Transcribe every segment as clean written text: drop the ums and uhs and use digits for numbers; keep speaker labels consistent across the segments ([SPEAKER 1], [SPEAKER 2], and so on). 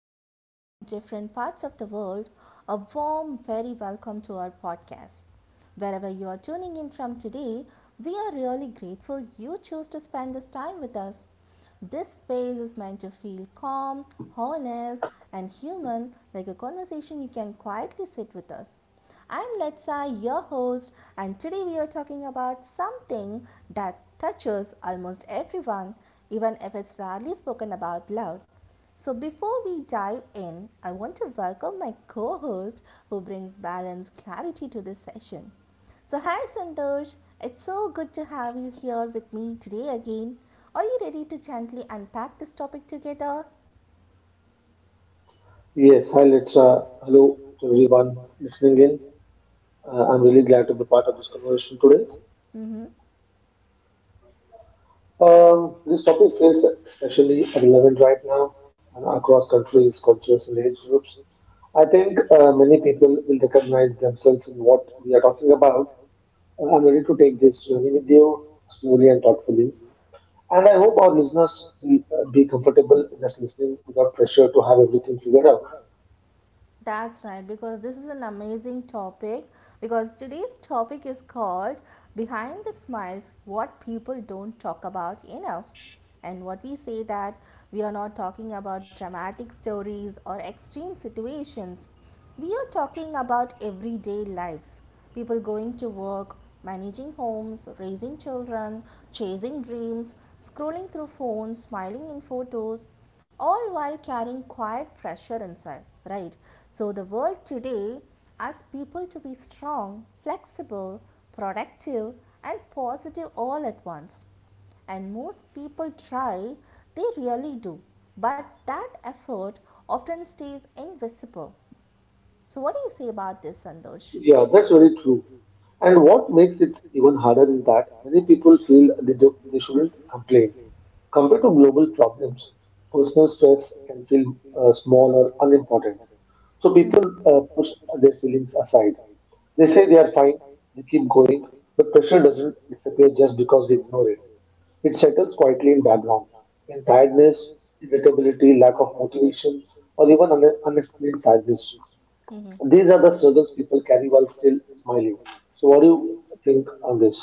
[SPEAKER 1] and watching us from different parts of the world. A warm, very welcome to our podcast. Wherever you are tuning in from today, we are really grateful you choose to spend this time with us. This space is meant to feel calm, honest, and human, like a conversation you can quietly sit with us. I'm Letsa, your host, and today we are talking about something that touches almost everyone, even if it's rarely spoken about loud. So, before we dive in, I want to welcome my co host who brings balance clarity to this session. So, hi Santosh, it's so good to have you here with me today again. Are you ready to gently unpack this topic together?
[SPEAKER 2] Yes, hi Letra. Hello to everyone listening in. I'm really glad to be part of this conversation today.
[SPEAKER 1] Mm-hmm.
[SPEAKER 2] This topic feels especially relevant right now and across countries, cultures, and age groups. I think many people will recognize themselves in what we are talking about. I'm ready to take this journey with you slowly and thoughtfully. And I hope our listeners will be comfortable just listening without pressure to have everything figured out.
[SPEAKER 1] That's right, because this is an amazing topic. Because today's topic is called Behind the Smiles What People Don't Talk About Enough. And what we say that we are not talking about dramatic stories or extreme situations. We are talking about everyday lives people going to work, managing homes, raising children, chasing dreams, scrolling through phones, smiling in photos, all while carrying quiet pressure inside, right? So, the world today asks people to be strong, flexible, productive, and positive all at once and most people try, they really do. But that effort often stays invisible. So, what do you say about this, Sandosh?
[SPEAKER 2] Yeah, that's very true. And what makes it even harder is that many people feel they shouldn't complain. Compared to global problems, personal stress can feel small or unimportant. So people push their feelings aside. They say they are fine, they keep going, but pressure doesn't disappear just because we ignore it. It settles quietly in background, in tiredness, irritability, lack of motivation, or even unexplained sadness. These are the struggles people carry while still smiling. So, what do you think on this?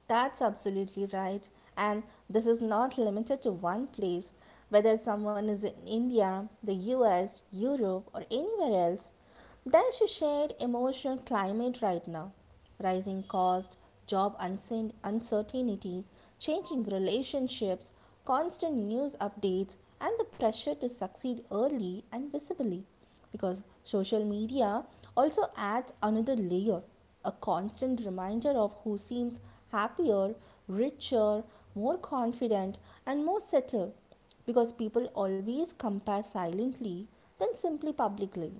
[SPEAKER 1] That's absolutely right. And this is not limited to one place. Whether someone is in India, the US, Europe, or anywhere else, there's a shared emotional climate right now. Rising cost, job uncertainty, changing relationships, constant news updates, and the pressure to succeed early and visibly. Because social media also adds another layer a constant reminder of who seems happier, richer, more confident, and more settled because people always compare silently then simply publicly.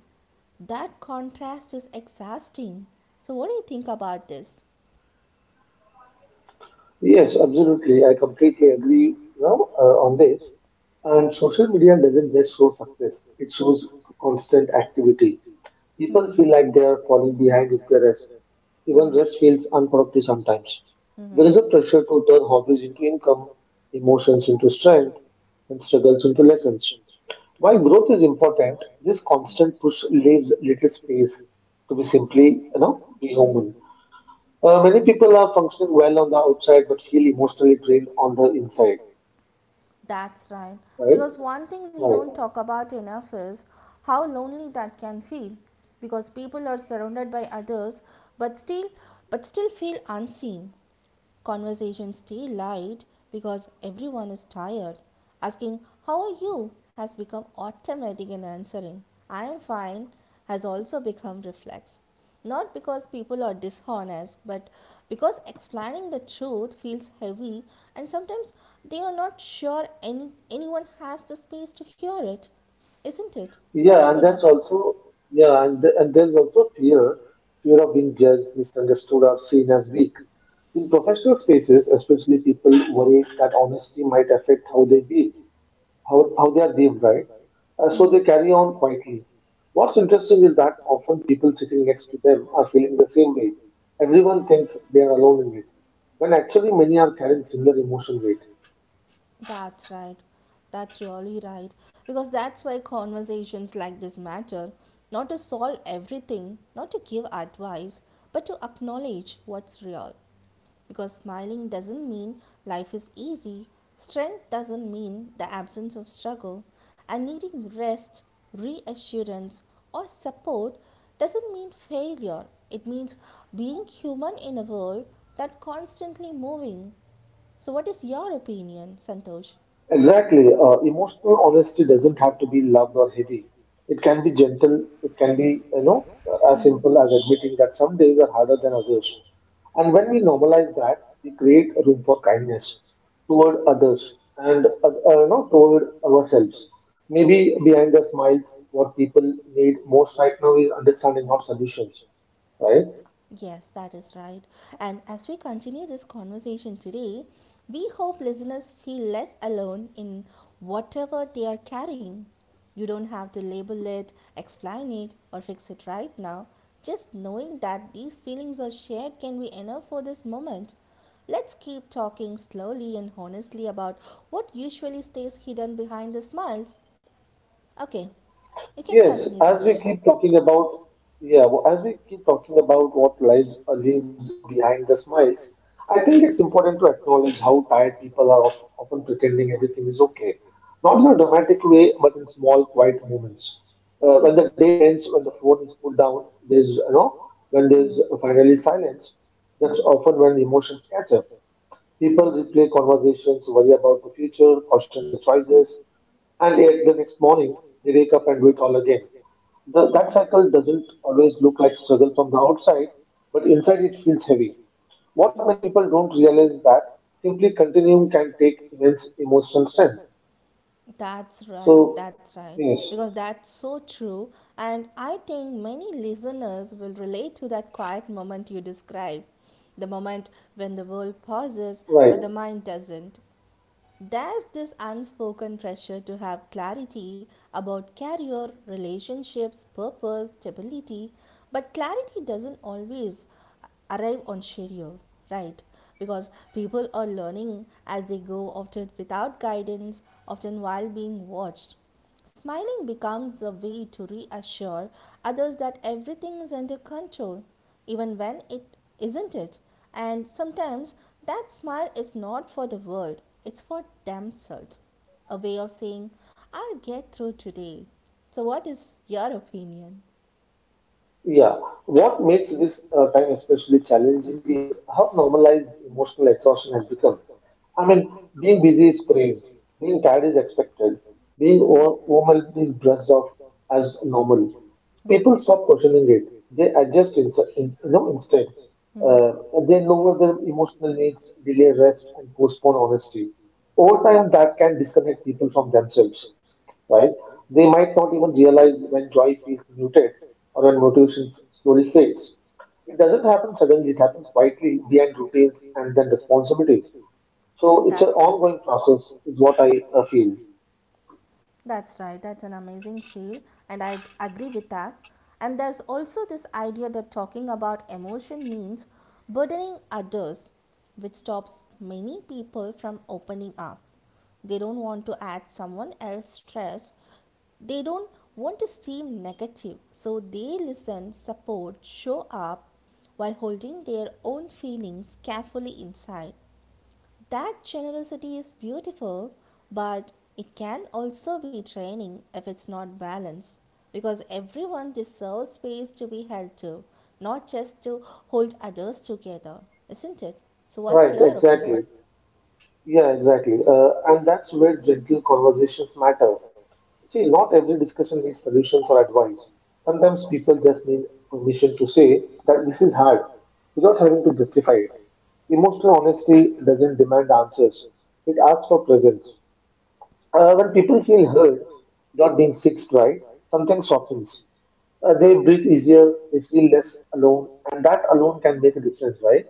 [SPEAKER 1] That contrast is exhausting. So, what do you think about this?
[SPEAKER 2] Yes, absolutely. I completely agree now on this. And social media doesn't just show success, it shows constant activity. People feel like they are falling behind with the rest. Even rest feels unproductive sometimes. There is a pressure to turn hobbies into income, emotions into strength, and struggles into lessons. While growth is important, this constant push leaves little space to be simply, be human. Many people are functioning well on the outside but feel emotionally drained on the inside,
[SPEAKER 1] That's right.
[SPEAKER 2] right?
[SPEAKER 1] Because one thing we
[SPEAKER 2] Right.
[SPEAKER 1] don't talk about enough is how lonely that can feel. Because people are surrounded by others but still but still feel unseen. Conversations stay light because everyone is tired. Asking, How are you? Has become automatic in answering. I am fine has also become reflex. Not because people are dishonest, but because explaining the truth feels heavy and sometimes they are not sure anyone has the space to hear it. Isn't it? So, what do you
[SPEAKER 2] Yeah,
[SPEAKER 1] think
[SPEAKER 2] and that's
[SPEAKER 1] about?
[SPEAKER 2] also, yeah, and, th- and there's also fear, fear of being judged, misunderstood, or seen as weak. In professional spaces, especially people worry that honesty might affect how they deal. How they are lived, right?
[SPEAKER 1] Mm-hmm.
[SPEAKER 2] So they carry on quietly. What's interesting is that often people sitting next to them are feeling the same way. Everyone thinks they are alone in it, when actually many are carrying similar emotion weight.
[SPEAKER 1] That's right. That's really right. Because that's why conversations like this matter. Not to solve everything, not to give advice, but to acknowledge what's real. Because smiling doesn't mean life is easy, strength doesn't mean the absence of struggle, and needing rest, reassurance, or support doesn't mean failure. It means being human in a world that's constantly moving. So what is your opinion, Santosh?
[SPEAKER 2] Exactly. Emotional honesty doesn't have to be loud or heavy. It can be gentle. It can be, as simple as admitting that some days are harder than others. And when we normalize that, we create a room for kindness toward others and, toward ourselves. Maybe behind the smiles, what people need most right now is understanding, not solutions, right?
[SPEAKER 1] Yes, that is right. And as we continue this conversation today, we hope listeners feel less alone in whatever they are carrying. You don't have to label it, explain it, or fix it right now. Just knowing that these feelings are shared can be enough for this moment. Let's keep talking slowly and honestly about what usually stays hidden behind the smiles. Okay, you can Yes, continue,
[SPEAKER 2] Yes, as
[SPEAKER 1] Sandosh.
[SPEAKER 2] we keep talking about, what lies lives, behind the smiles, I think it's important to acknowledge how tired people are of, often pretending everything is okay, not in a dramatic way, but in small, quiet moments. When
[SPEAKER 1] Mhm.
[SPEAKER 2] the day ends, when the phone is put down, when
[SPEAKER 1] Mhm.
[SPEAKER 2] there's finally silence,
[SPEAKER 1] Mhm.
[SPEAKER 2] that's often when emotions catch up. People replay conversations, worry about the future, caution their choices, and yet the next morning they wake up and do it all again. That cycle doesn't always look like struggle from the outside, but inside it feels heavy. What many people don't realize is that simply continuing can take immense emotional strength.
[SPEAKER 1] That's right,
[SPEAKER 2] So,
[SPEAKER 1] that's right.
[SPEAKER 2] yes,
[SPEAKER 1] Because that's so true. And I think many listeners will relate to that quiet moment you described the moment when the world pauses
[SPEAKER 2] right.
[SPEAKER 1] but the mind doesn't. There's this unspoken pressure to have clarity about career, relationships, purpose, stability, but clarity doesn't always arrive on schedule, right? Because people are learning as they go, often without guidance, often while being watched. Smiling becomes a way to reassure others that everything is under control, even when it isn't it. And sometimes that smile is not for the world, it's for themselves. A way of saying, I'll get through today. So, what is your opinion?
[SPEAKER 2] Yeah. What makes this time especially challenging is how normalized emotional exhaustion has become. I mean, being busy is praised, being tired is expected, being overwhelmed is brushed off as normal. So people stop questioning it. They adjust in, you know, instead. Uh, they lower their emotional needs, delay rest, and postpone honesty. Over time, that can disconnect people from themselves right? They might not even realize when joy feels muted or when motivation slowly fades. It doesn't happen suddenly, it happens quietly behind routines and then responsibilities. So
[SPEAKER 1] That's
[SPEAKER 2] it's an
[SPEAKER 1] right.
[SPEAKER 2] ongoing process, is what I feel.
[SPEAKER 1] That's right. That's an amazing feel, and I agree with that. And there's also this idea that talking about emotion means burdening others, which stops many people from opening up. They don't want to add someone else's stress. They don't want to seem negative, so they listen, support, show up while holding their own feelings carefully inside. That generosity is beautiful, but it can also be draining if it's not balanced. Because everyone deserves space to be held to, not just to hold others together, isn't it? So, what's
[SPEAKER 2] Right,
[SPEAKER 1] your opinion?
[SPEAKER 2] exactly. Yeah, exactly. And that's where gentle conversations matter. See, not every discussion needs solutions or advice. Sometimes people just need permission to say that this is hard without having to justify it. Emotional honesty doesn't demand answers, it asks for presence. When people feel heard, not being fixed right, something softens. They breathe easier, they feel less alone, and that alone can make a difference, right?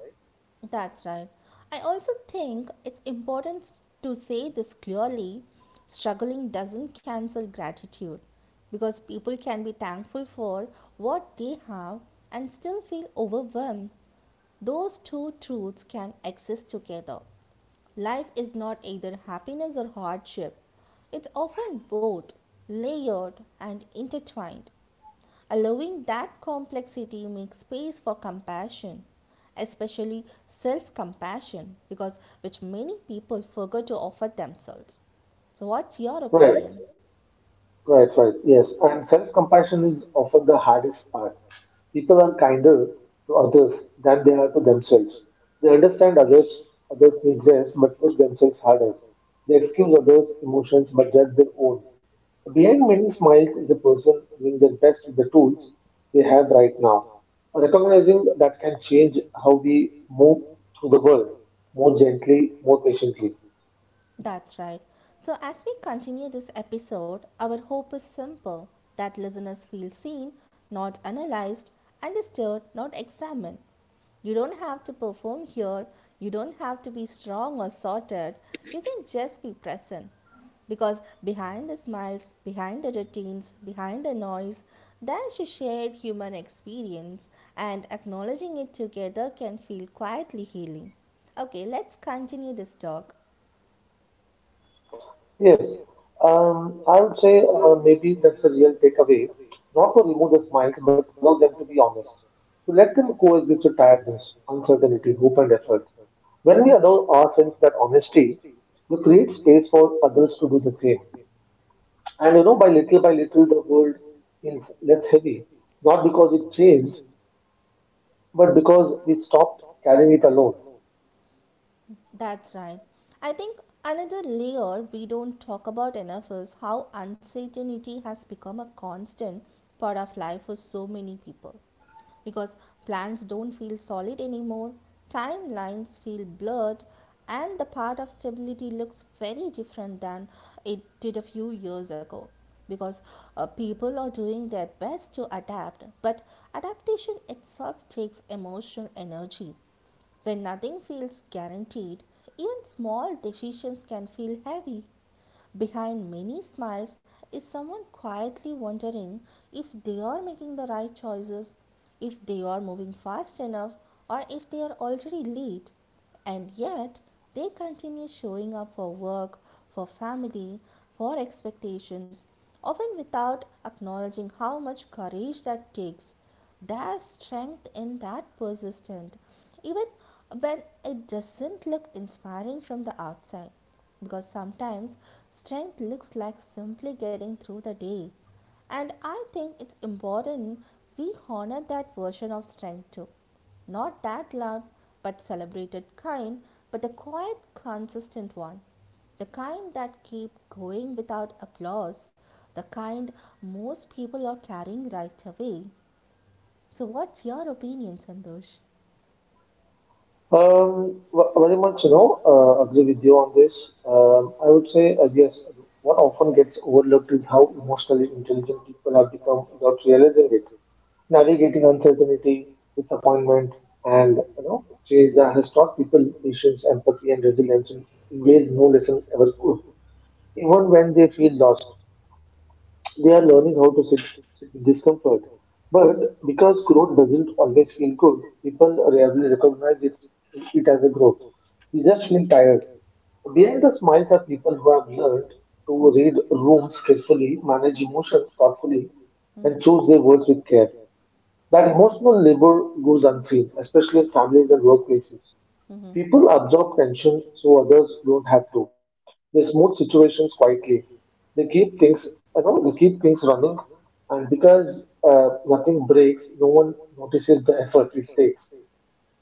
[SPEAKER 1] That's right. I also think it's important to say this clearly struggling doesn't cancel gratitude because people can be thankful for what they have and still feel overwhelmed. Those two truths can exist together. Life is not either happiness or hardship, it's often both, layered and intertwined. Allowing that complexity makes space for compassion, especially self compassion, because which many people forget to offer themselves. So, what's your
[SPEAKER 2] Right.
[SPEAKER 1] opinion?
[SPEAKER 2] Right, right. Yes. And self-compassion is often the hardest part. People are kinder to others than they are to themselves. They understand others, others need rest, but push themselves harder. They excuse others' emotions, but judge their own. Behind many smiles is a person doing their best with the tools they have right now. Recognizing that can change how we move through the world more gently, more patiently.
[SPEAKER 1] That's right. So, as we continue this episode, our hope is simple that listeners feel seen, not analyzed, understood, not examined. You don't have to perform here, you don't have to be strong or sorted, you can just be present. Because behind the smiles, behind the routines, behind the noise, there's a shared human experience, and acknowledging it together can feel quietly healing. Okay, let's continue this talk.
[SPEAKER 2] Yes, I would say maybe that's a real takeaway. Not to remove the smiles, but to allow them to be honest. To let them coexist with tiredness, uncertainty, hope, and effort. When we allow ourselves that honesty, we create space for others to do the same. And by little, the world feels less heavy, not because it changed, but because we stopped carrying it alone.
[SPEAKER 1] That's right. I think another layer we don't talk about enough is how uncertainty has become a constant part of life for so many people. Because plans don't feel solid anymore, timelines feel blurred, and the path of stability looks very different than it did a few years ago. Because people are doing their best to adapt, but adaptation itself takes emotional energy when nothing feels guaranteed, even small decisions can feel heavy. Behind many smiles is someone quietly wondering if they are making the right choices, if they are moving fast enough, or if they are already late. And yet, they continue showing up for work, for family, for expectations, often without acknowledging how much courage that takes. There's strength in that persistence, even when it doesn't look inspiring from the outside. Because sometimes strength looks like simply getting through the day. And I think it's important we honor that version of strength too. Not that loud but celebrated kind, but the quiet, consistent one. The kind that keep going without applause. The kind most people are carrying right away. So, what's your opinion, Sandosh?
[SPEAKER 2] Very much, agree with you on this. I would say, yes, what often gets overlooked is how emotionally intelligent people have become without realizing it. Navigating uncertainty, disappointment, and, change that has taught people patience, empathy, and resilience in ways no lesson ever could, even when they feel lost. They are learning how to sit with discomfort. But because growth doesn't always feel good, people rarely it as a growth. They just feel tired. Behind the smiles are people who have learned to read rooms carefully, manage emotions thoughtfully, and choose their words with care. That emotional labor goes unseen, especially in families and workplaces. People absorb tension so others don't have to. They smooth situations quietly. They keep things, you know, they keep things running, and because nothing breaks, no one notices the effort it takes.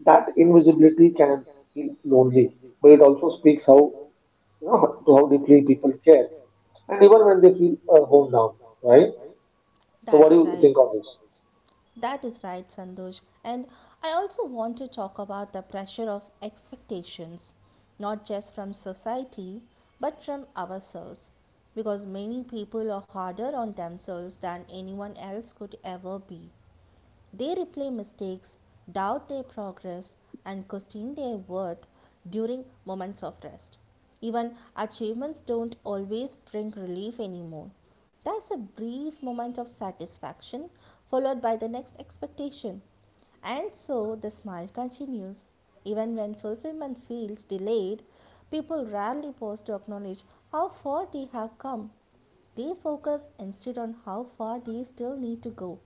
[SPEAKER 2] That invisibility can feel lonely, but it also speaks how you know to how deeply people care, and even when they feel worn down, right? So, what do
[SPEAKER 1] That's
[SPEAKER 2] you
[SPEAKER 1] right.
[SPEAKER 2] think of this?
[SPEAKER 1] That is right, Sandosh. And I also want to talk about the pressure of expectations, not just from society, but from ourselves. Because many people are harder on themselves than anyone else could ever be. They replay mistakes, doubt their progress, and question their worth during moments of rest. Even achievements don't always bring relief anymore. There's a brief moment of satisfaction followed by the next expectation. And so the smile continues. Even when fulfillment feels delayed, people rarely pause to acknowledge how far they have come. They focus instead on how far they still need to go.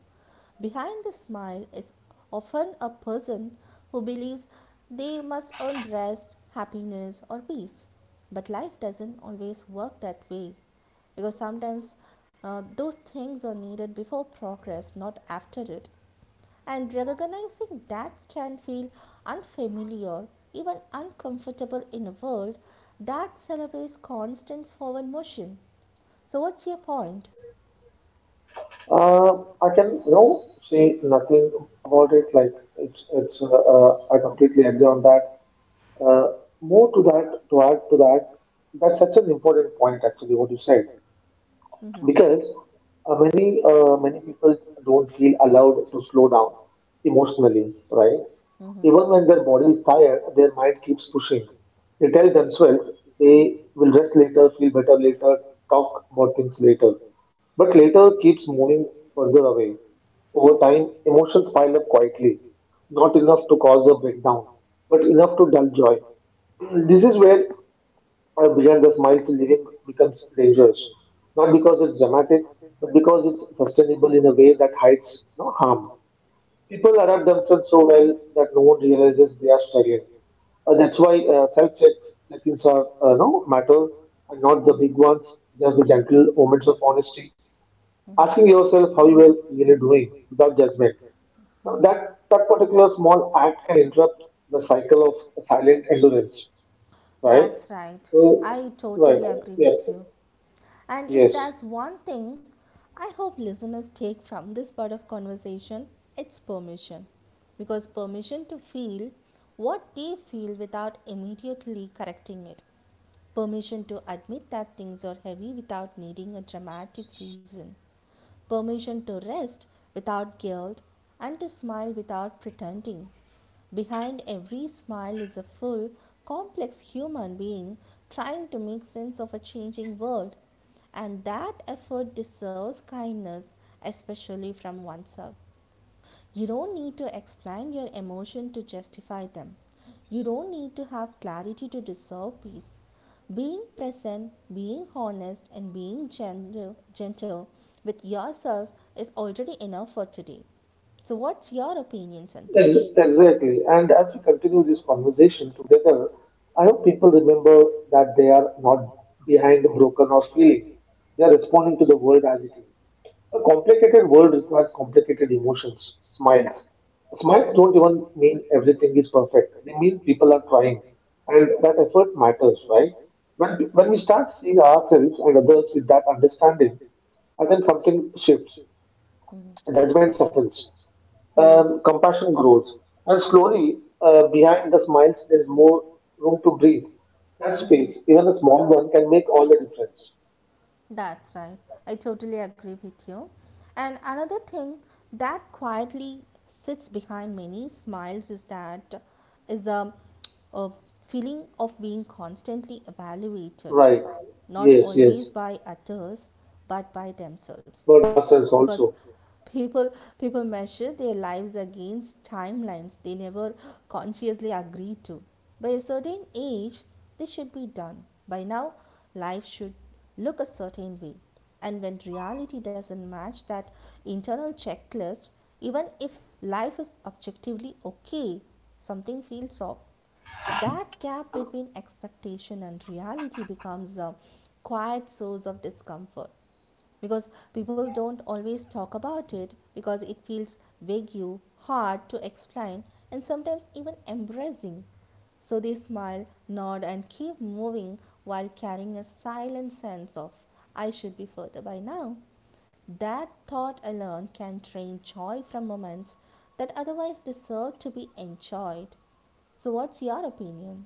[SPEAKER 1] Behind the smile is often a person who believes they must earn rest, happiness, or peace. But life doesn't always work that way because sometimes those things are needed before progress, not after it. And recognizing that can feel unfamiliar, even uncomfortable in a world that celebrates constant forward motion. So, what's your point?
[SPEAKER 2] I can, say nothing about it. Like it's, it's. I completely agree on that. Uh, to add to that, that's such an important point, actually, what you said
[SPEAKER 1] Mm-hmm.
[SPEAKER 2] because many people don't feel allowed to slow down emotionally, right? Even
[SPEAKER 1] Mm-hmm.
[SPEAKER 2] when their body is tired, their mind keeps pushing. They tell themselves they will rest later, feel better later, talk about things later. But later keeps moving further away. Over time, emotions pile up quietly, not enough to cause a breakdown, but enough to dull joy. This is where or beyond the smiles living becomes dangerous, not because it's dramatic, but because it's sustainable in a way that hides no harm. People adapt themselves so well that no one realizes they are struggling. That's why self checks check-ins are no matter and not the big ones, just the gentle moments of honesty. Asking yourself how you are really doing without judgment. Now, That that particular small act can interrupt the cycle of silent endurance, right?
[SPEAKER 1] That's right.
[SPEAKER 2] So,
[SPEAKER 1] I
[SPEAKER 2] right,
[SPEAKER 1] totally agree
[SPEAKER 2] yeah.
[SPEAKER 1] with you. And if
[SPEAKER 2] Yes,
[SPEAKER 1] there's one thing I hope listeners take from this part of conversation, it's permission. Because permission to feel what they feel without immediately correcting it. Permission to admit that things are heavy without needing a dramatic reason. Permission to rest without guilt and to smile without pretending. Behind every smile is a full, complex human being trying to make sense of a changing world. And that effort deserves kindness, especially from oneself. You don't need to explain your emotion to justify them. You don't need to have clarity to deserve peace. Being present, being honest, and being gentle with yourself is already enough for today. So, what's your opinion, Santosh?
[SPEAKER 2] exactly. And as we continue this conversation together, I hope people remember that they are not behind, broken, or feeling. They are responding to the world as it is. A complicated world requires complicated smiles. Smiles don't even mean everything is perfect. They mean people are trying, and that effort matters, right? When we start seeing ourselves and others with that understanding, I think something shifts. Judgment softens, compassion grows, and slowly, behind the smiles, there's more room to breathe. That space, even a small one, can make all the difference.
[SPEAKER 1] That's right. I totally agree with you. And another thing that quietly sits behind many smiles is that is the uh, feeling of being constantly evaluated,
[SPEAKER 2] Right.
[SPEAKER 1] not
[SPEAKER 2] Yes, yes.
[SPEAKER 1] always by others but by themselves
[SPEAKER 2] But ourselves
[SPEAKER 1] because
[SPEAKER 2] also.
[SPEAKER 1] people people measure their lives against timelines they never consciously agree to by a certain age this should be done by now life should look a certain way and when reality doesn't match that internal checklist even if life is objectively okay something feels off that gap between expectation and reality becomes a quiet source of discomfort because people don't always talk about it because it feels vague, hard to explain, and sometimes even embarrassing. So they smile, nod, and keep moving while carrying a silent sense of, I should be further by now. That thought alone can drain joy from moments that otherwise deserve to be enjoyed. So, what's your opinion?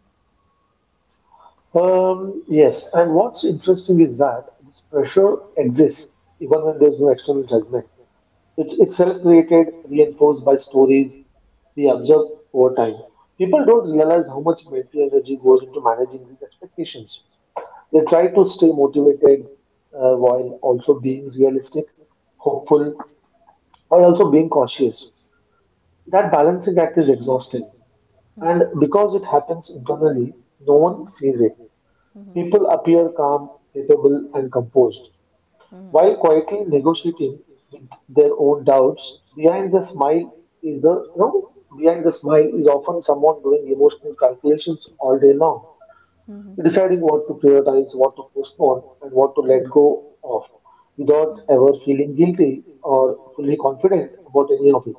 [SPEAKER 2] Yes, and what's interesting is that this pressure exists even when there's no external judgment. It's self created, reinforced by stories we observe over time. People don't realize how much mental energy goes into managing these expectations. They try to stay motivated while also being realistic, hopeful, while also being cautious. That balancing act is exhausting. And because it happens internally, no one sees it. People appear calm, capable, and composed, while quietly negotiating with their own doubts. Behind the smile is the you know, Behind the smile is often someone doing emotional calculations all day long. Deciding what to prioritize, what to postpone, and what to let go of without ever feeling guilty or fully confident about any of it.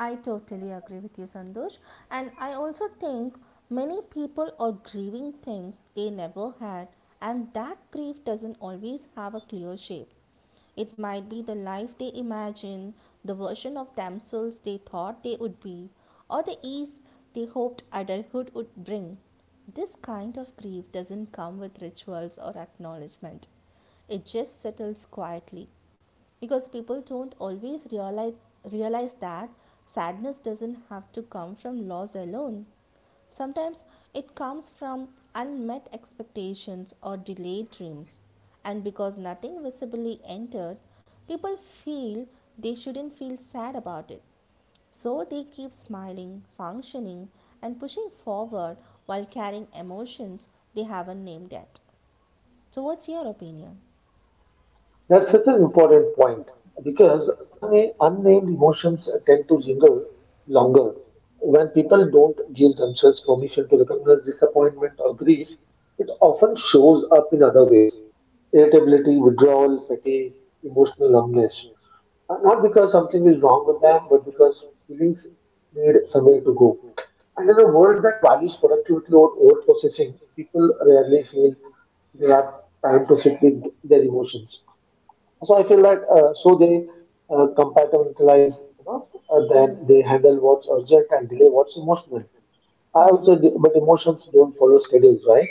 [SPEAKER 1] I totally agree with you, Sandosh. And I also think many people are grieving things they never had, and that grief doesn't always have a clear shape. It might be the life they imagine, the version of themselves they thought they would be, or the ease they hoped adulthood would bring. This kind of grief doesn't come with rituals or acknowledgement. It just settles quietly because people don't always realize that sadness doesn't have to come from loss alone. Sometimes it comes from unmet expectations or delayed dreams, and because nothing visibly entered, people feel they shouldn't feel sad about it, so they keep smiling, functioning, and pushing forward while carrying emotions they haven't named yet. So what's your opinion?
[SPEAKER 2] That's such an important point because unnamed emotions tend to linger longer. When people don't give themselves permission to recognize disappointment or grief, it often shows up in other ways irritability, withdrawal, fatigue, emotional numbness. Not because something is wrong with them, but because feelings need somewhere to go. And in a world that values productivity or over processing, people rarely feel they have time to sit with their emotions. So I feel that so they compartmentalize, then they handle what's urgent and delay what's emotional. But emotions don't follow schedules, right?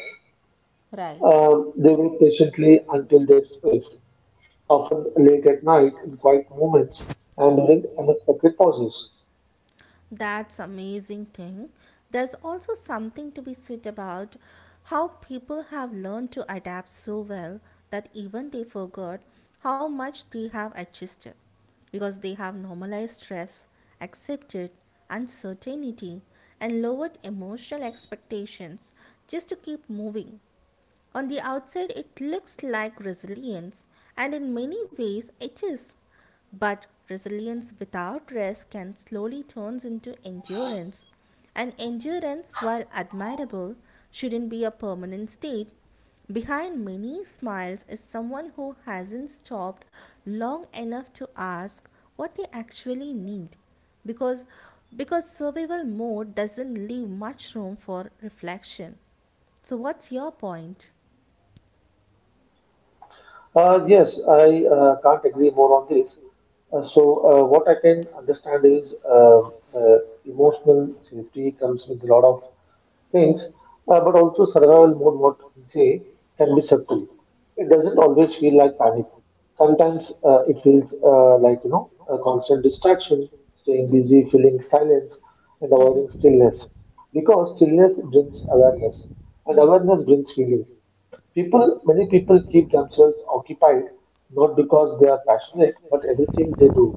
[SPEAKER 1] Right.
[SPEAKER 2] They wait patiently until their space, often late at night in quiet moments and during unexpected pauses.
[SPEAKER 1] That's amazing thing. There's also something to be said about how people have learned to adapt so well that even they forgot how much they have adjusted, because they have normalized stress, accepted uncertainty, and lowered emotional expectations just to keep moving. On the outside, it looks like resilience, and in many ways, it is. But resilience without rest can slowly turn into endurance. And endurance, while admirable, shouldn't be a permanent state. Behind many smiles is someone who hasn't stopped long enough to ask what they actually need. Because, because survival mode doesn't leave much room for reflection. So, what's your point?
[SPEAKER 2] Yes, I can't agree more on this. So what I can understand is uh, emotional safety comes with a lot of things, but also survival mode, what we say, can be subtle. It doesn't always feel like panic. Sometimes it feels like a constant distraction, staying busy, feeling silence, and avoiding stillness because stillness brings awareness and awareness brings feelings. People many people keep themselves occupied, not because they are passionate but everything they do,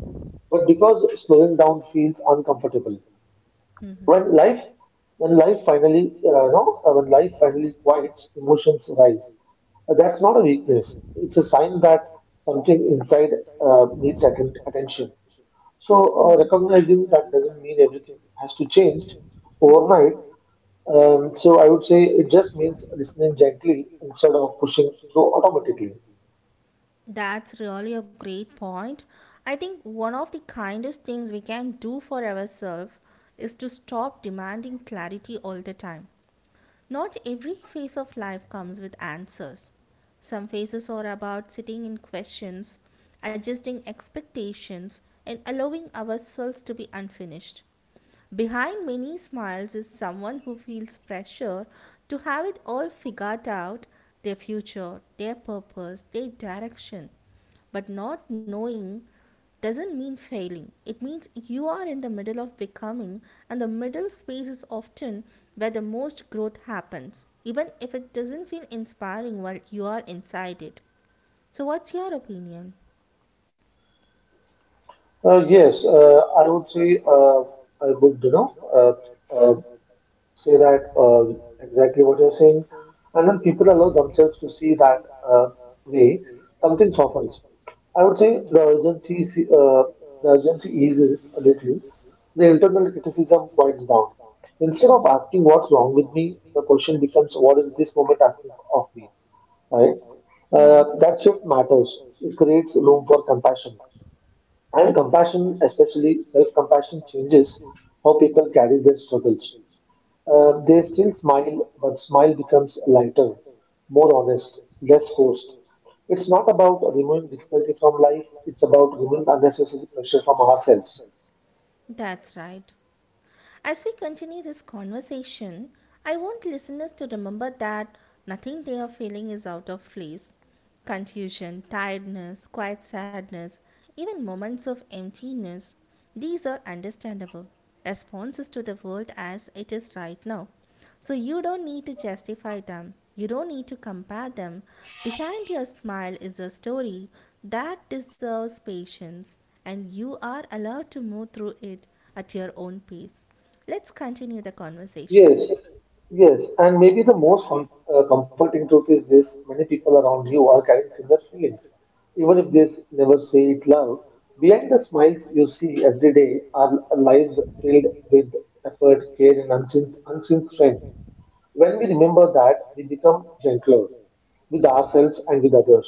[SPEAKER 2] but because slowing down feels uncomfortable.
[SPEAKER 1] Mhm.
[SPEAKER 2] When life when life finally no when life finally quiets, emotions rise. That's not a weakness, it's a sign that something inside needs attention.
[SPEAKER 1] Mhm.
[SPEAKER 2] Recognizing that doesn't mean everything has to
[SPEAKER 1] Mhm.
[SPEAKER 2] change overnight. I would say it just means listening gently instead of pushing through automatically.
[SPEAKER 1] That's really a great point. I think one of the kindest things we can do for ourselves is to stop demanding clarity all the time. Not every phase of life comes with answers. Some phases are about sitting in questions, adjusting expectations, and allowing ourselves to be unfinished. Behind many smiles is someone who feels pressure to have it all figured out, their future, their purpose, their direction. But not knowing doesn't mean failing. It means you are in the middle of becoming, and the middle space is often where the most growth happens, even if it doesn't feel inspiring while you are inside it. So, what's your opinion?
[SPEAKER 2] Yes, I would say I would, say that exactly what you're saying, and when people allow themselves to see that way, something softens. I would say the urgency eases a little. The internal criticism quiets down. Instead of asking what's wrong with me, the question becomes what is this moment asking of me, right? That shift matters. It creates room for compassion. And compassion, especially self compassion, changes how people carry their struggles. They still smile, but smile becomes lighter, more honest, less forced. It's not about removing difficulty from life, it's about removing unnecessary pressure from ourselves.
[SPEAKER 1] That's right. As we continue this conversation, I want listeners to remember that nothing they are feeling is out of place. Confusion, tiredness, quiet sadness, even moments of emptiness, these are understandable responses to the world as it is right now. So you don't need to justify them. You don't need to compare them. Behind your smile is a story that deserves patience, and you are allowed to move through it at your own pace. Let's continue the conversation.
[SPEAKER 2] Yes, yes, and maybe the most comforting truth is this: many people around you are carrying similar feelings. Even if they never say it loud, behind the smiles you see every day are lives filled with effort, care, and unseen strength. When we remember that, we become gentler with ourselves and with others.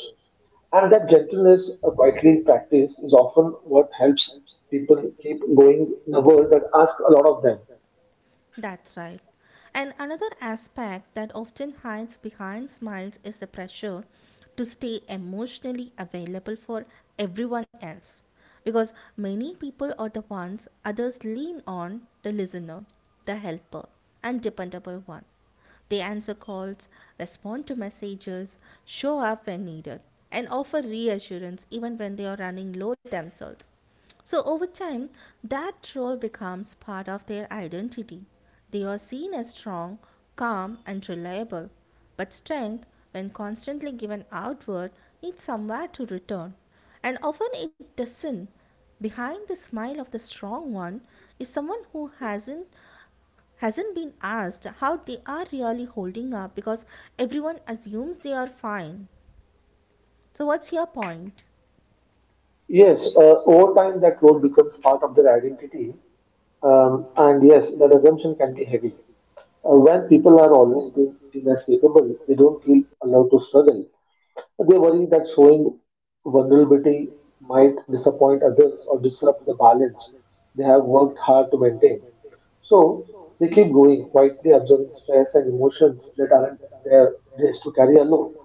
[SPEAKER 2] And that gentleness, a quietly practice, is often what helps people keep going in a world that asks a lot of them.
[SPEAKER 1] That's right. And another aspect that often hides behind smiles is the pressure to stay emotionally available for everyone else. Because many people are the ones others lean on, the listener, the helper, and dependable one. They answer calls, respond to messages, show up when needed, and offer reassurance even when they are running low themselves. So, over time, that role becomes part of their identity. They are seen as strong, calm, and reliable. But strength, when constantly given outward, needs somewhere to return. And often it doesn't. Behind the smile of the strong one is someone who hasn't been asked how they are really holding up, because everyone assumes they are fine. So, what's your point?
[SPEAKER 2] Yes, over time that role becomes part of their identity, and yes, that assumption can be heavy. When people are always being seen as capable, they don't feel allowed to struggle. They worry that showing vulnerability might disappoint others or disrupt the balance they have worked hard to maintain. So they keep going, quietly absorbing stress and emotions that aren't theirs to carry alone.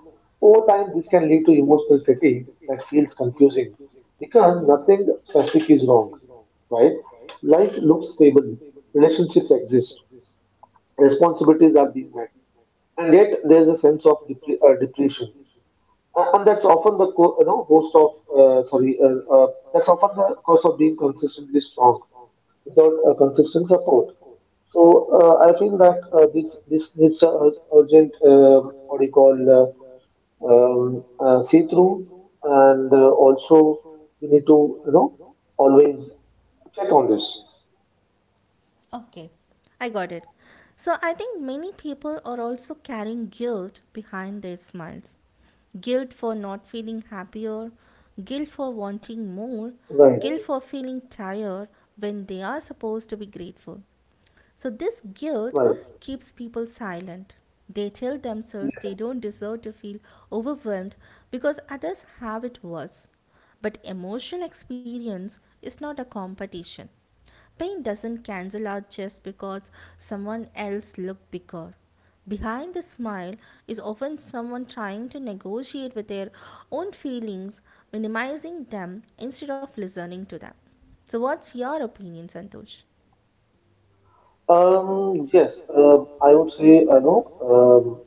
[SPEAKER 2] Over time, this can lead to emotional fatigue that feels confusing because nothing specific is wrong, right? Life looks stable, relationships exist, responsibilities are being met, and yet there's a sense of depletion. And that's often the host of sorry that's often the cost of being consistently strong without consistent support. So I feel that this needs a urgent what do you call see through, and also we need to, you know, always check on this.
[SPEAKER 1] Okay. I got it. So I think many people are also carrying guilt behind their smiles. Guilt for not feeling happier, guilt for wanting more,
[SPEAKER 2] Right.
[SPEAKER 1] guilt for feeling tired when they are supposed to be grateful. So, this guilt
[SPEAKER 2] Right.
[SPEAKER 1] keeps people silent. They tell themselves
[SPEAKER 2] Yes.
[SPEAKER 1] they don't deserve to feel overwhelmed because others have it worse. But emotional experience is not a competition. Pain doesn't cancel out just because someone else looked bigger. Behind the smile is often someone trying to negotiate with their own feelings, minimizing them instead of listening to them. So, what's your opinion, Santosh?
[SPEAKER 2] Yes, I would say,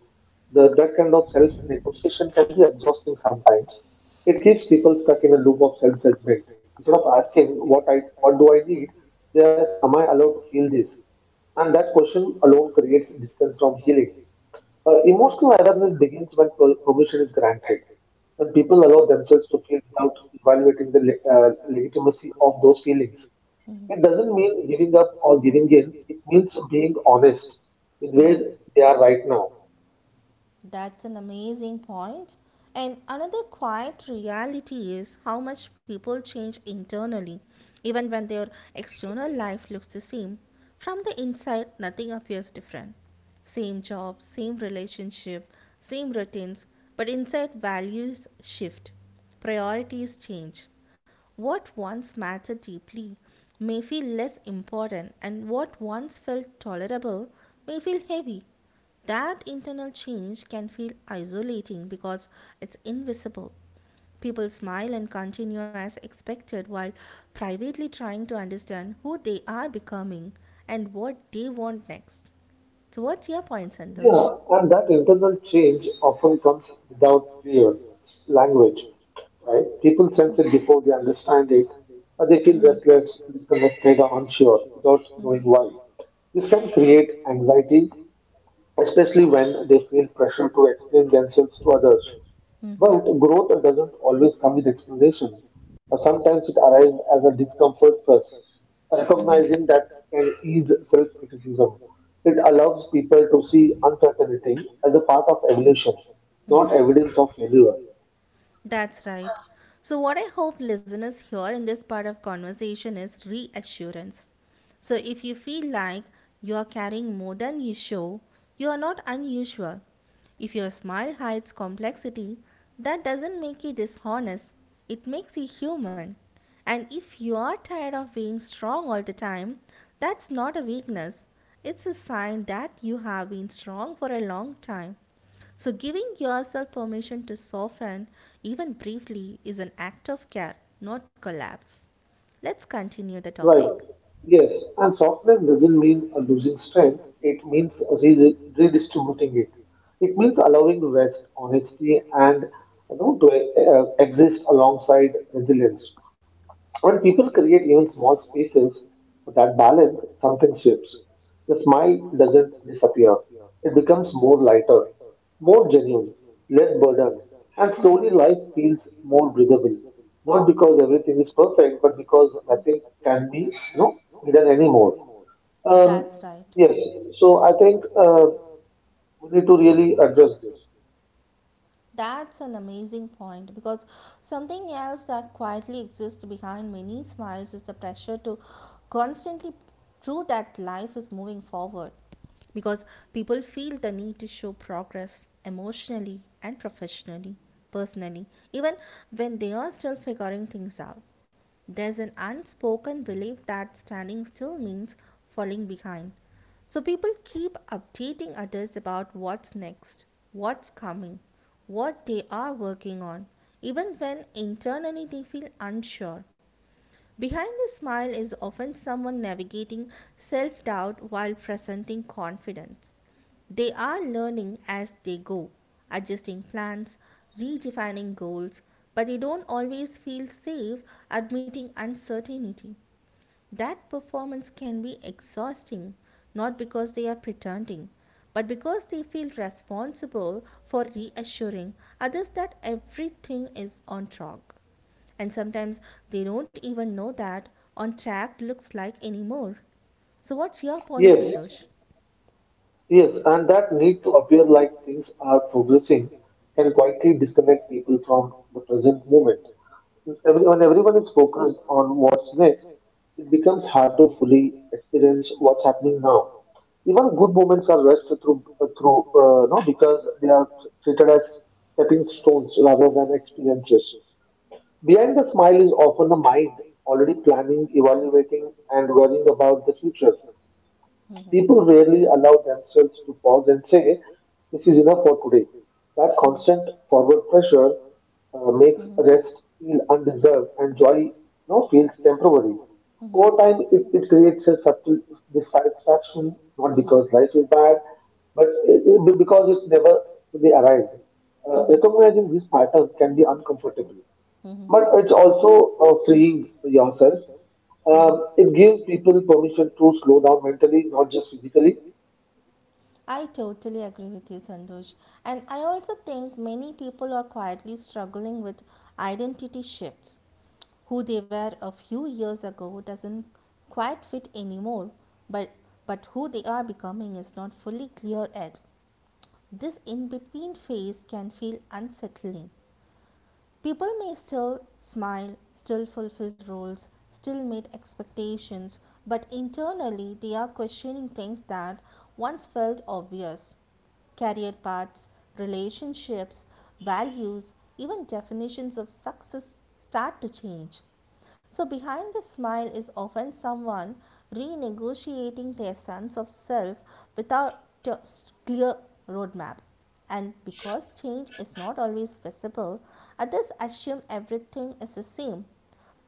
[SPEAKER 2] that kind of self-negotiation can be exhausting sometimes. It keeps people stuck in a loop of self-judgment. Instead of asking what do I need, they ask, am I allowed to feel this? And that question alone creates distance from healing. Emotional awareness begins when permission is granted, when people allow themselves to feel without evaluating the legitimacy of those feelings.
[SPEAKER 1] Mhm.
[SPEAKER 2] It doesn't mean giving up or giving in. It means being honest with
[SPEAKER 1] Mhm.
[SPEAKER 2] where they are right now.
[SPEAKER 1] That's an amazing point. And another quiet reality is how much people change internally, even when their
[SPEAKER 2] Yes.
[SPEAKER 1] external life looks the same. From the inside, nothing appears different. Same job, same relationship, same routines, but inside, values shift, priorities change. What once mattered deeply may feel less important, and what once felt tolerable may feel heavy. That internal change can feel isolating because it's invisible. People smile and continue as expected while privately trying to understand who they are becoming and what they want next. So, what's your point, Santosh?
[SPEAKER 2] Yeah, and that internal change often comes without clear language, right? People sense it before they understand it, but they feel restless, disconnected, or unsure without knowing
[SPEAKER 1] Mm-hmm.
[SPEAKER 2] why. This can create anxiety, especially when they feel pressure to explain
[SPEAKER 1] Just
[SPEAKER 2] themselves to
[SPEAKER 1] what.
[SPEAKER 2] others.
[SPEAKER 1] Mm-hmm.
[SPEAKER 2] But growth doesn't always come with explanation. Sometimes it arrives as a discomfort first. Recognizing that can ease self criticism. It allows people to see uncertainty as a part of evolution, not evidence of failure.
[SPEAKER 1] That's right. So, what I hope listeners hear in this part of conversation is reassurance. So, if you feel like you are carrying more than you show, you are not unusual. If your smile hides complexity, that doesn't make you dishonest, it makes you human. And if you are tired of being strong all the time, that's not a weakness. It's a sign that you have been strong for a long time. So, giving yourself permission to soften, even briefly, is an act of care, not collapse. Let's continue the
[SPEAKER 2] Right.
[SPEAKER 1] topic.
[SPEAKER 2] Yes. And softness doesn't mean losing strength. It means redistributing it. It means allowing rest, honesty, and you know to exist alongside resilience. When people create even small spaces for that balance, something shifts. The smile doesn't disappear. It becomes more lighter, more genuine, less burdened, and slowly life feels more breathable. Not because everything is perfect, but because nothing can be, you know, hidden anymore. Um,
[SPEAKER 1] That's right.
[SPEAKER 2] yes, so I think we need to really address this.
[SPEAKER 1] That's an amazing point because something else that quietly exists behind many smiles is the pressure to constantly prove that life is moving forward. Because people feel the need to show progress emotionally and professionally, personally, even when they are still figuring things out. There's an unspoken belief that standing still means falling behind, so people keep updating others about what's next, what's coming, what they are working on, even when internally they feel unsure. Behind the smile is often someone navigating self doubt while presenting confidence. They are learning as they go, adjusting plans, redefining goals, but they don't always feel safe admitting uncertainty. That performance can be exhausting, not because they are pretending, but because they feel responsible for reassuring others that everything is on track. And sometimes they don't even know that on track looks like anymore. So, what's your point, yeah,
[SPEAKER 2] Yes,
[SPEAKER 1] Santosh?
[SPEAKER 2] yes, and that need to appear like things are progressing can quietly disconnect people from the present moment. When everyone is focused on what's next, it becomes hard to fully experience what's happening now. Even good moments are rushed through, through no, because they are treated as stepping stones rather than experiences. Behind the smile is often the mind already planning, evaluating, and worrying about the future. People rarely allow themselves to pause and say, this is enough for today. That constant forward pressure makes rest feel undeserved and joy now feels temporary. Over time, it creates a subtle dissatisfaction, not because life is bad, but because it's never fully arrived. Recognizing this pattern can be uncomfortable, but it's also freeing yourself. It gives people permission to slow down mentally, not just physically.
[SPEAKER 1] I totally agree with you, Sandosh. And I also think many people are quietly struggling with identity shifts. Who they were a few years ago doesn't quite fit anymore, but, but who they are becoming is not fully clear yet. This in between phase can feel unsettling. People may still smile, still fulfill roles, still meet expectations, but internally they are questioning things that once felt obvious, career paths, relationships, values, even definitions of success start to change. So, behind the smile is often someone renegotiating their sense of self without a clear roadmap. And because change is not always visible, others assume everything is the same.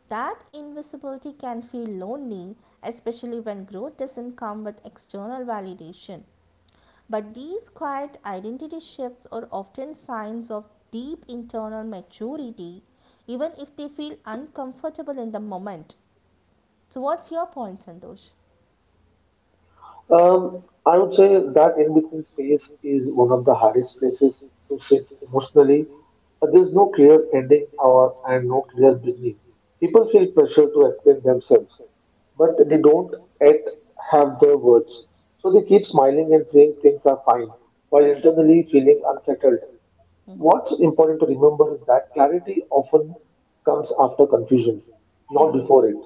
[SPEAKER 1] That invisibility can feel lonely, especially when growth doesn't come with external validation. But these quiet identity shifts are often signs of deep internal maturity, even if they feel uncomfortable in the moment. So, what's your point, Santosh?
[SPEAKER 2] I would say that in between space is one of the hardest places to sit emotionally. There's no clear ending or and no clear beginning. People feel pressure to explain themselves, but they don't yet have the words. So they keep smiling and saying things are fine, while internally feeling unsettled. What's important to remember is that clarity often comes after confusion, not before it.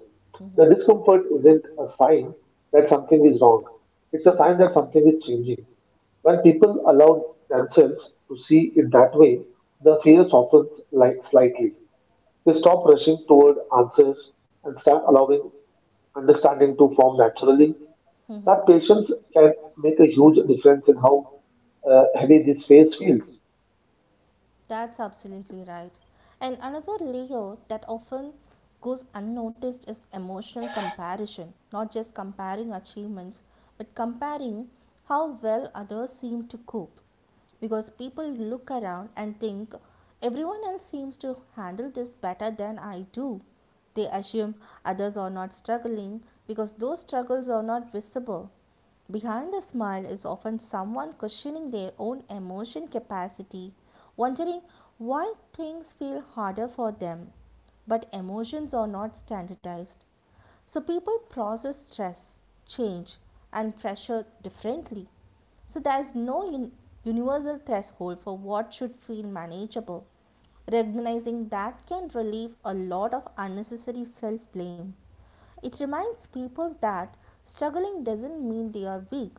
[SPEAKER 2] The discomfort isn't a sign that something is wrong, it's a sign that something is changing. When people allow themselves to see it that way, the fear softens like slightly. They stop rushing toward answers and start allowing understanding to form naturally. That
[SPEAKER 1] Mm-hmm.
[SPEAKER 2] patience can make a huge difference in how heavy this phase feels.
[SPEAKER 1] That's absolutely right. And another layer that often goes unnoticed is emotional comparison, not just comparing achievements, but comparing how well others seem to cope. Because people look around and think, everyone else seems to handle this better than I do. They assume others are not struggling because those struggles are not visible. Behind the smile is often someone questioning their own emotion capacity, wondering why things feel harder for them. But emotions are not standardized. So people process stress, change, and pressure differently. So there is no universal threshold for what should feel manageable. Recognizing that can relieve a lot of unnecessary self blame. It reminds people that struggling doesn't mean they are weak,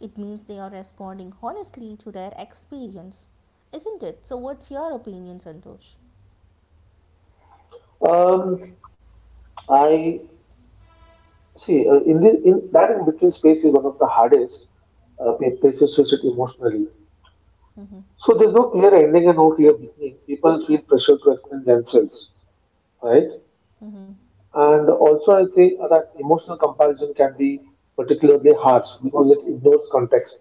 [SPEAKER 1] it means they are responding honestly to their experience, isn't it? So, what's your opinion, Santosh?
[SPEAKER 2] Um, I see in that in between space is one of the hardest places to sit emotionally.
[SPEAKER 1] Mm-hmm.
[SPEAKER 2] So there's no clear ending and no clear beginning. People feel pressure to explain themselves, right?
[SPEAKER 1] Mm-hmm. Mm-hmm.
[SPEAKER 2] And also, I say that emotional comparison can be particularly harsh because it ignores context.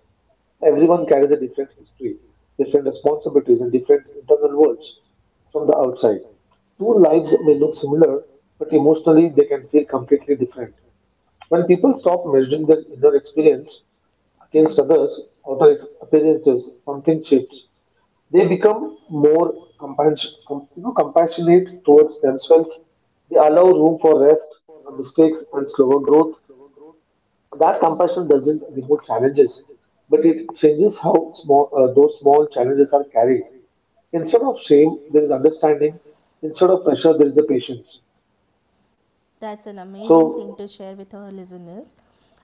[SPEAKER 2] Everyone carries a different history, different responsibilities, and different internal worlds from the outside. Two
[SPEAKER 1] Mm-hmm.
[SPEAKER 2] lives may look similar, but emotionally they can feel completely different. When people stop measuring their inner experience against
[SPEAKER 1] Mhm.
[SPEAKER 2] others' outer appearances, something shifts. They become more compassionate towards themselves. They allow room for rest, mistakes, and slower growth. That compassion doesn't remove challenges, but it changes how small those small challenges are carried. Instead of shame, there is understanding. Instead of pressure, there is the patience.
[SPEAKER 1] That's an
[SPEAKER 2] So
[SPEAKER 1] amazing thing to share with our listeners.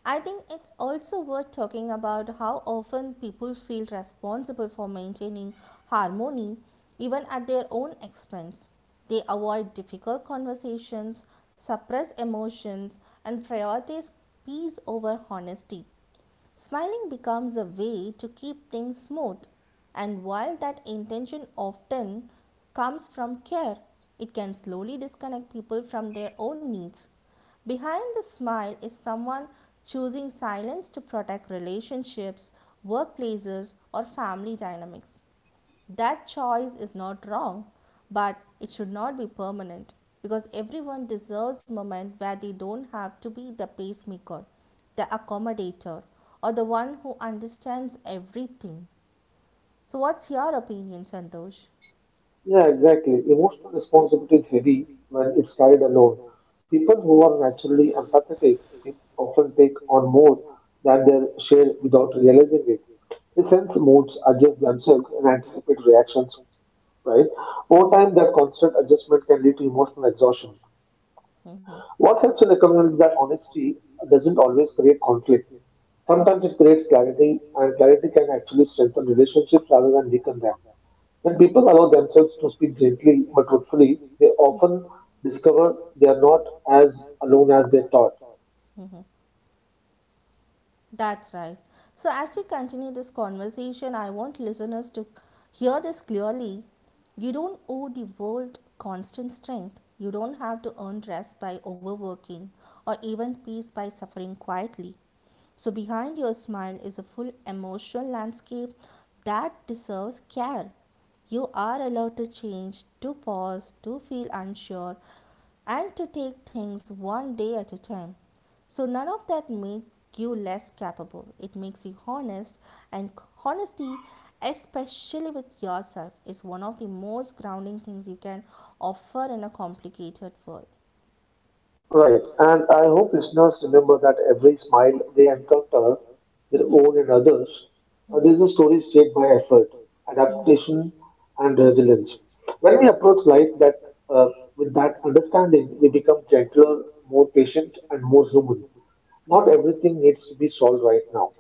[SPEAKER 1] I think it's also worth talking about how often people feel responsible for maintaining harmony even at their own expense. They avoid difficult conversations, suppress emotions, and prioritize peace over honesty. Smiling becomes a way to keep things smooth, and while that intention often comes from care, it can slowly disconnect people from their own needs. Behind the smile is someone choosing silence to protect relationships, workplaces, or family dynamics. That choice is not wrong, but it should not be permanent, because everyone deserves moment where they don't have to be the pacemaker, the accommodator, or the one who understands everything. So what's your opinion, Santosh?
[SPEAKER 2] yeah, exactly. Emotional responsibility is heavy when it's carried alone. People who are naturally empathetic often take on more than they share without realizing it. They sense moods, adjust themselves, and anticipate reactions, right? Over time, that constant adjustment can lead to emotional exhaustion. What helps in recommend is that honesty doesn't always create conflict. Sometimes it creates clarity, and clarity can actually strengthen relationships rather than weaken them. When people allow themselves to speak gently but truthfully, they often discover they are not as alone as they thought.
[SPEAKER 1] That's right. So, as we continue this conversation, I want listeners to hear this clearly. You don't owe the world constant strength. You don't have to earn rest by overworking or even peace by suffering quietly. So, behind your smile is a full emotional landscape that deserves care. You are allowed to change, to pause, to feel unsure, and to take things one day at a time. So none of that makes you less capable. It makes you honest, and honesty, especially with yourself, is one of the most grounding things you can offer in a complicated world.
[SPEAKER 2] Right, and I hope listeners remember that every smile they encounter, their own and others, there is a story shaped by effort, adaptation, and resilience. When we approach life that uh, with that understanding, we become gentler, more patient, and more human. Not everything needs to be solved right now.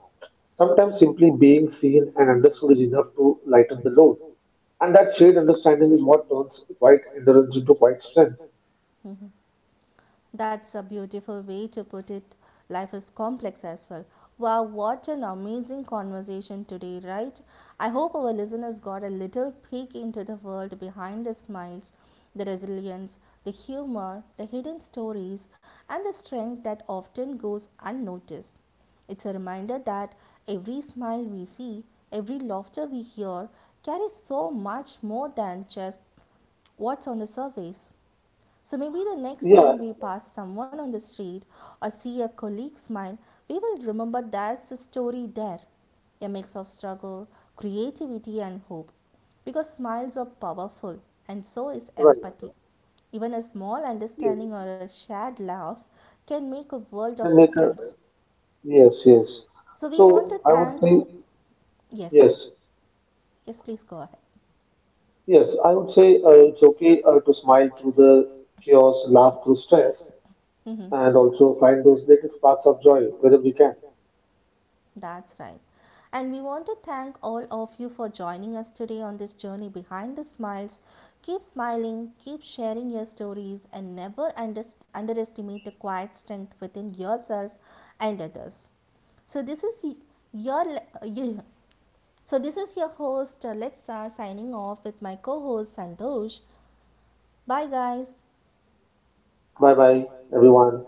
[SPEAKER 2] Sometimes simply being seen and understood is enough to lighten the load. And that shared understanding is what turns quiet endurance into quiet strength.
[SPEAKER 1] Mhm. That's a beautiful way to put it. Life is complex as well. Wow, what an amazing conversation today, right? I hope our listeners got a little peek into the world behind the smiles, the resilience, the humor, the hidden stories, and the strength that often goes unnoticed. It's a reminder that every smile we see, every laughter we hear, carries so much more than just what's on the surface. So maybe the next
[SPEAKER 2] Yeah,
[SPEAKER 1] time we pass someone on the street or see a colleague smile, we will remember there's a story there, a mix of struggle, creativity, and hope. Because smiles are powerful, and so is
[SPEAKER 2] right.
[SPEAKER 1] empathy. Even a small
[SPEAKER 2] Yes.
[SPEAKER 1] understanding or a shared laugh can make a world
[SPEAKER 2] Can
[SPEAKER 1] of
[SPEAKER 2] make a
[SPEAKER 1] difference.
[SPEAKER 2] yes, yes.
[SPEAKER 1] So we want to
[SPEAKER 2] So I would
[SPEAKER 1] thank.
[SPEAKER 2] say
[SPEAKER 1] Yes,
[SPEAKER 2] yes,
[SPEAKER 1] yes, please go ahead.
[SPEAKER 2] yes. I would say it's okay to smile through the chaos, laugh through stress,
[SPEAKER 1] Hmm.
[SPEAKER 2] and also find those little sparks of joy wherever we can.
[SPEAKER 1] That's right. And we want to thank all of you for joining us today on this journey behind the smiles. Keep smiling, keep sharing your stories, and never underestimate the quiet strength within yourself and others. So this is your you. So this is your host Letsa, signing off with my co-host Santosh. Bye guys.
[SPEAKER 2] Bye bye, everyone.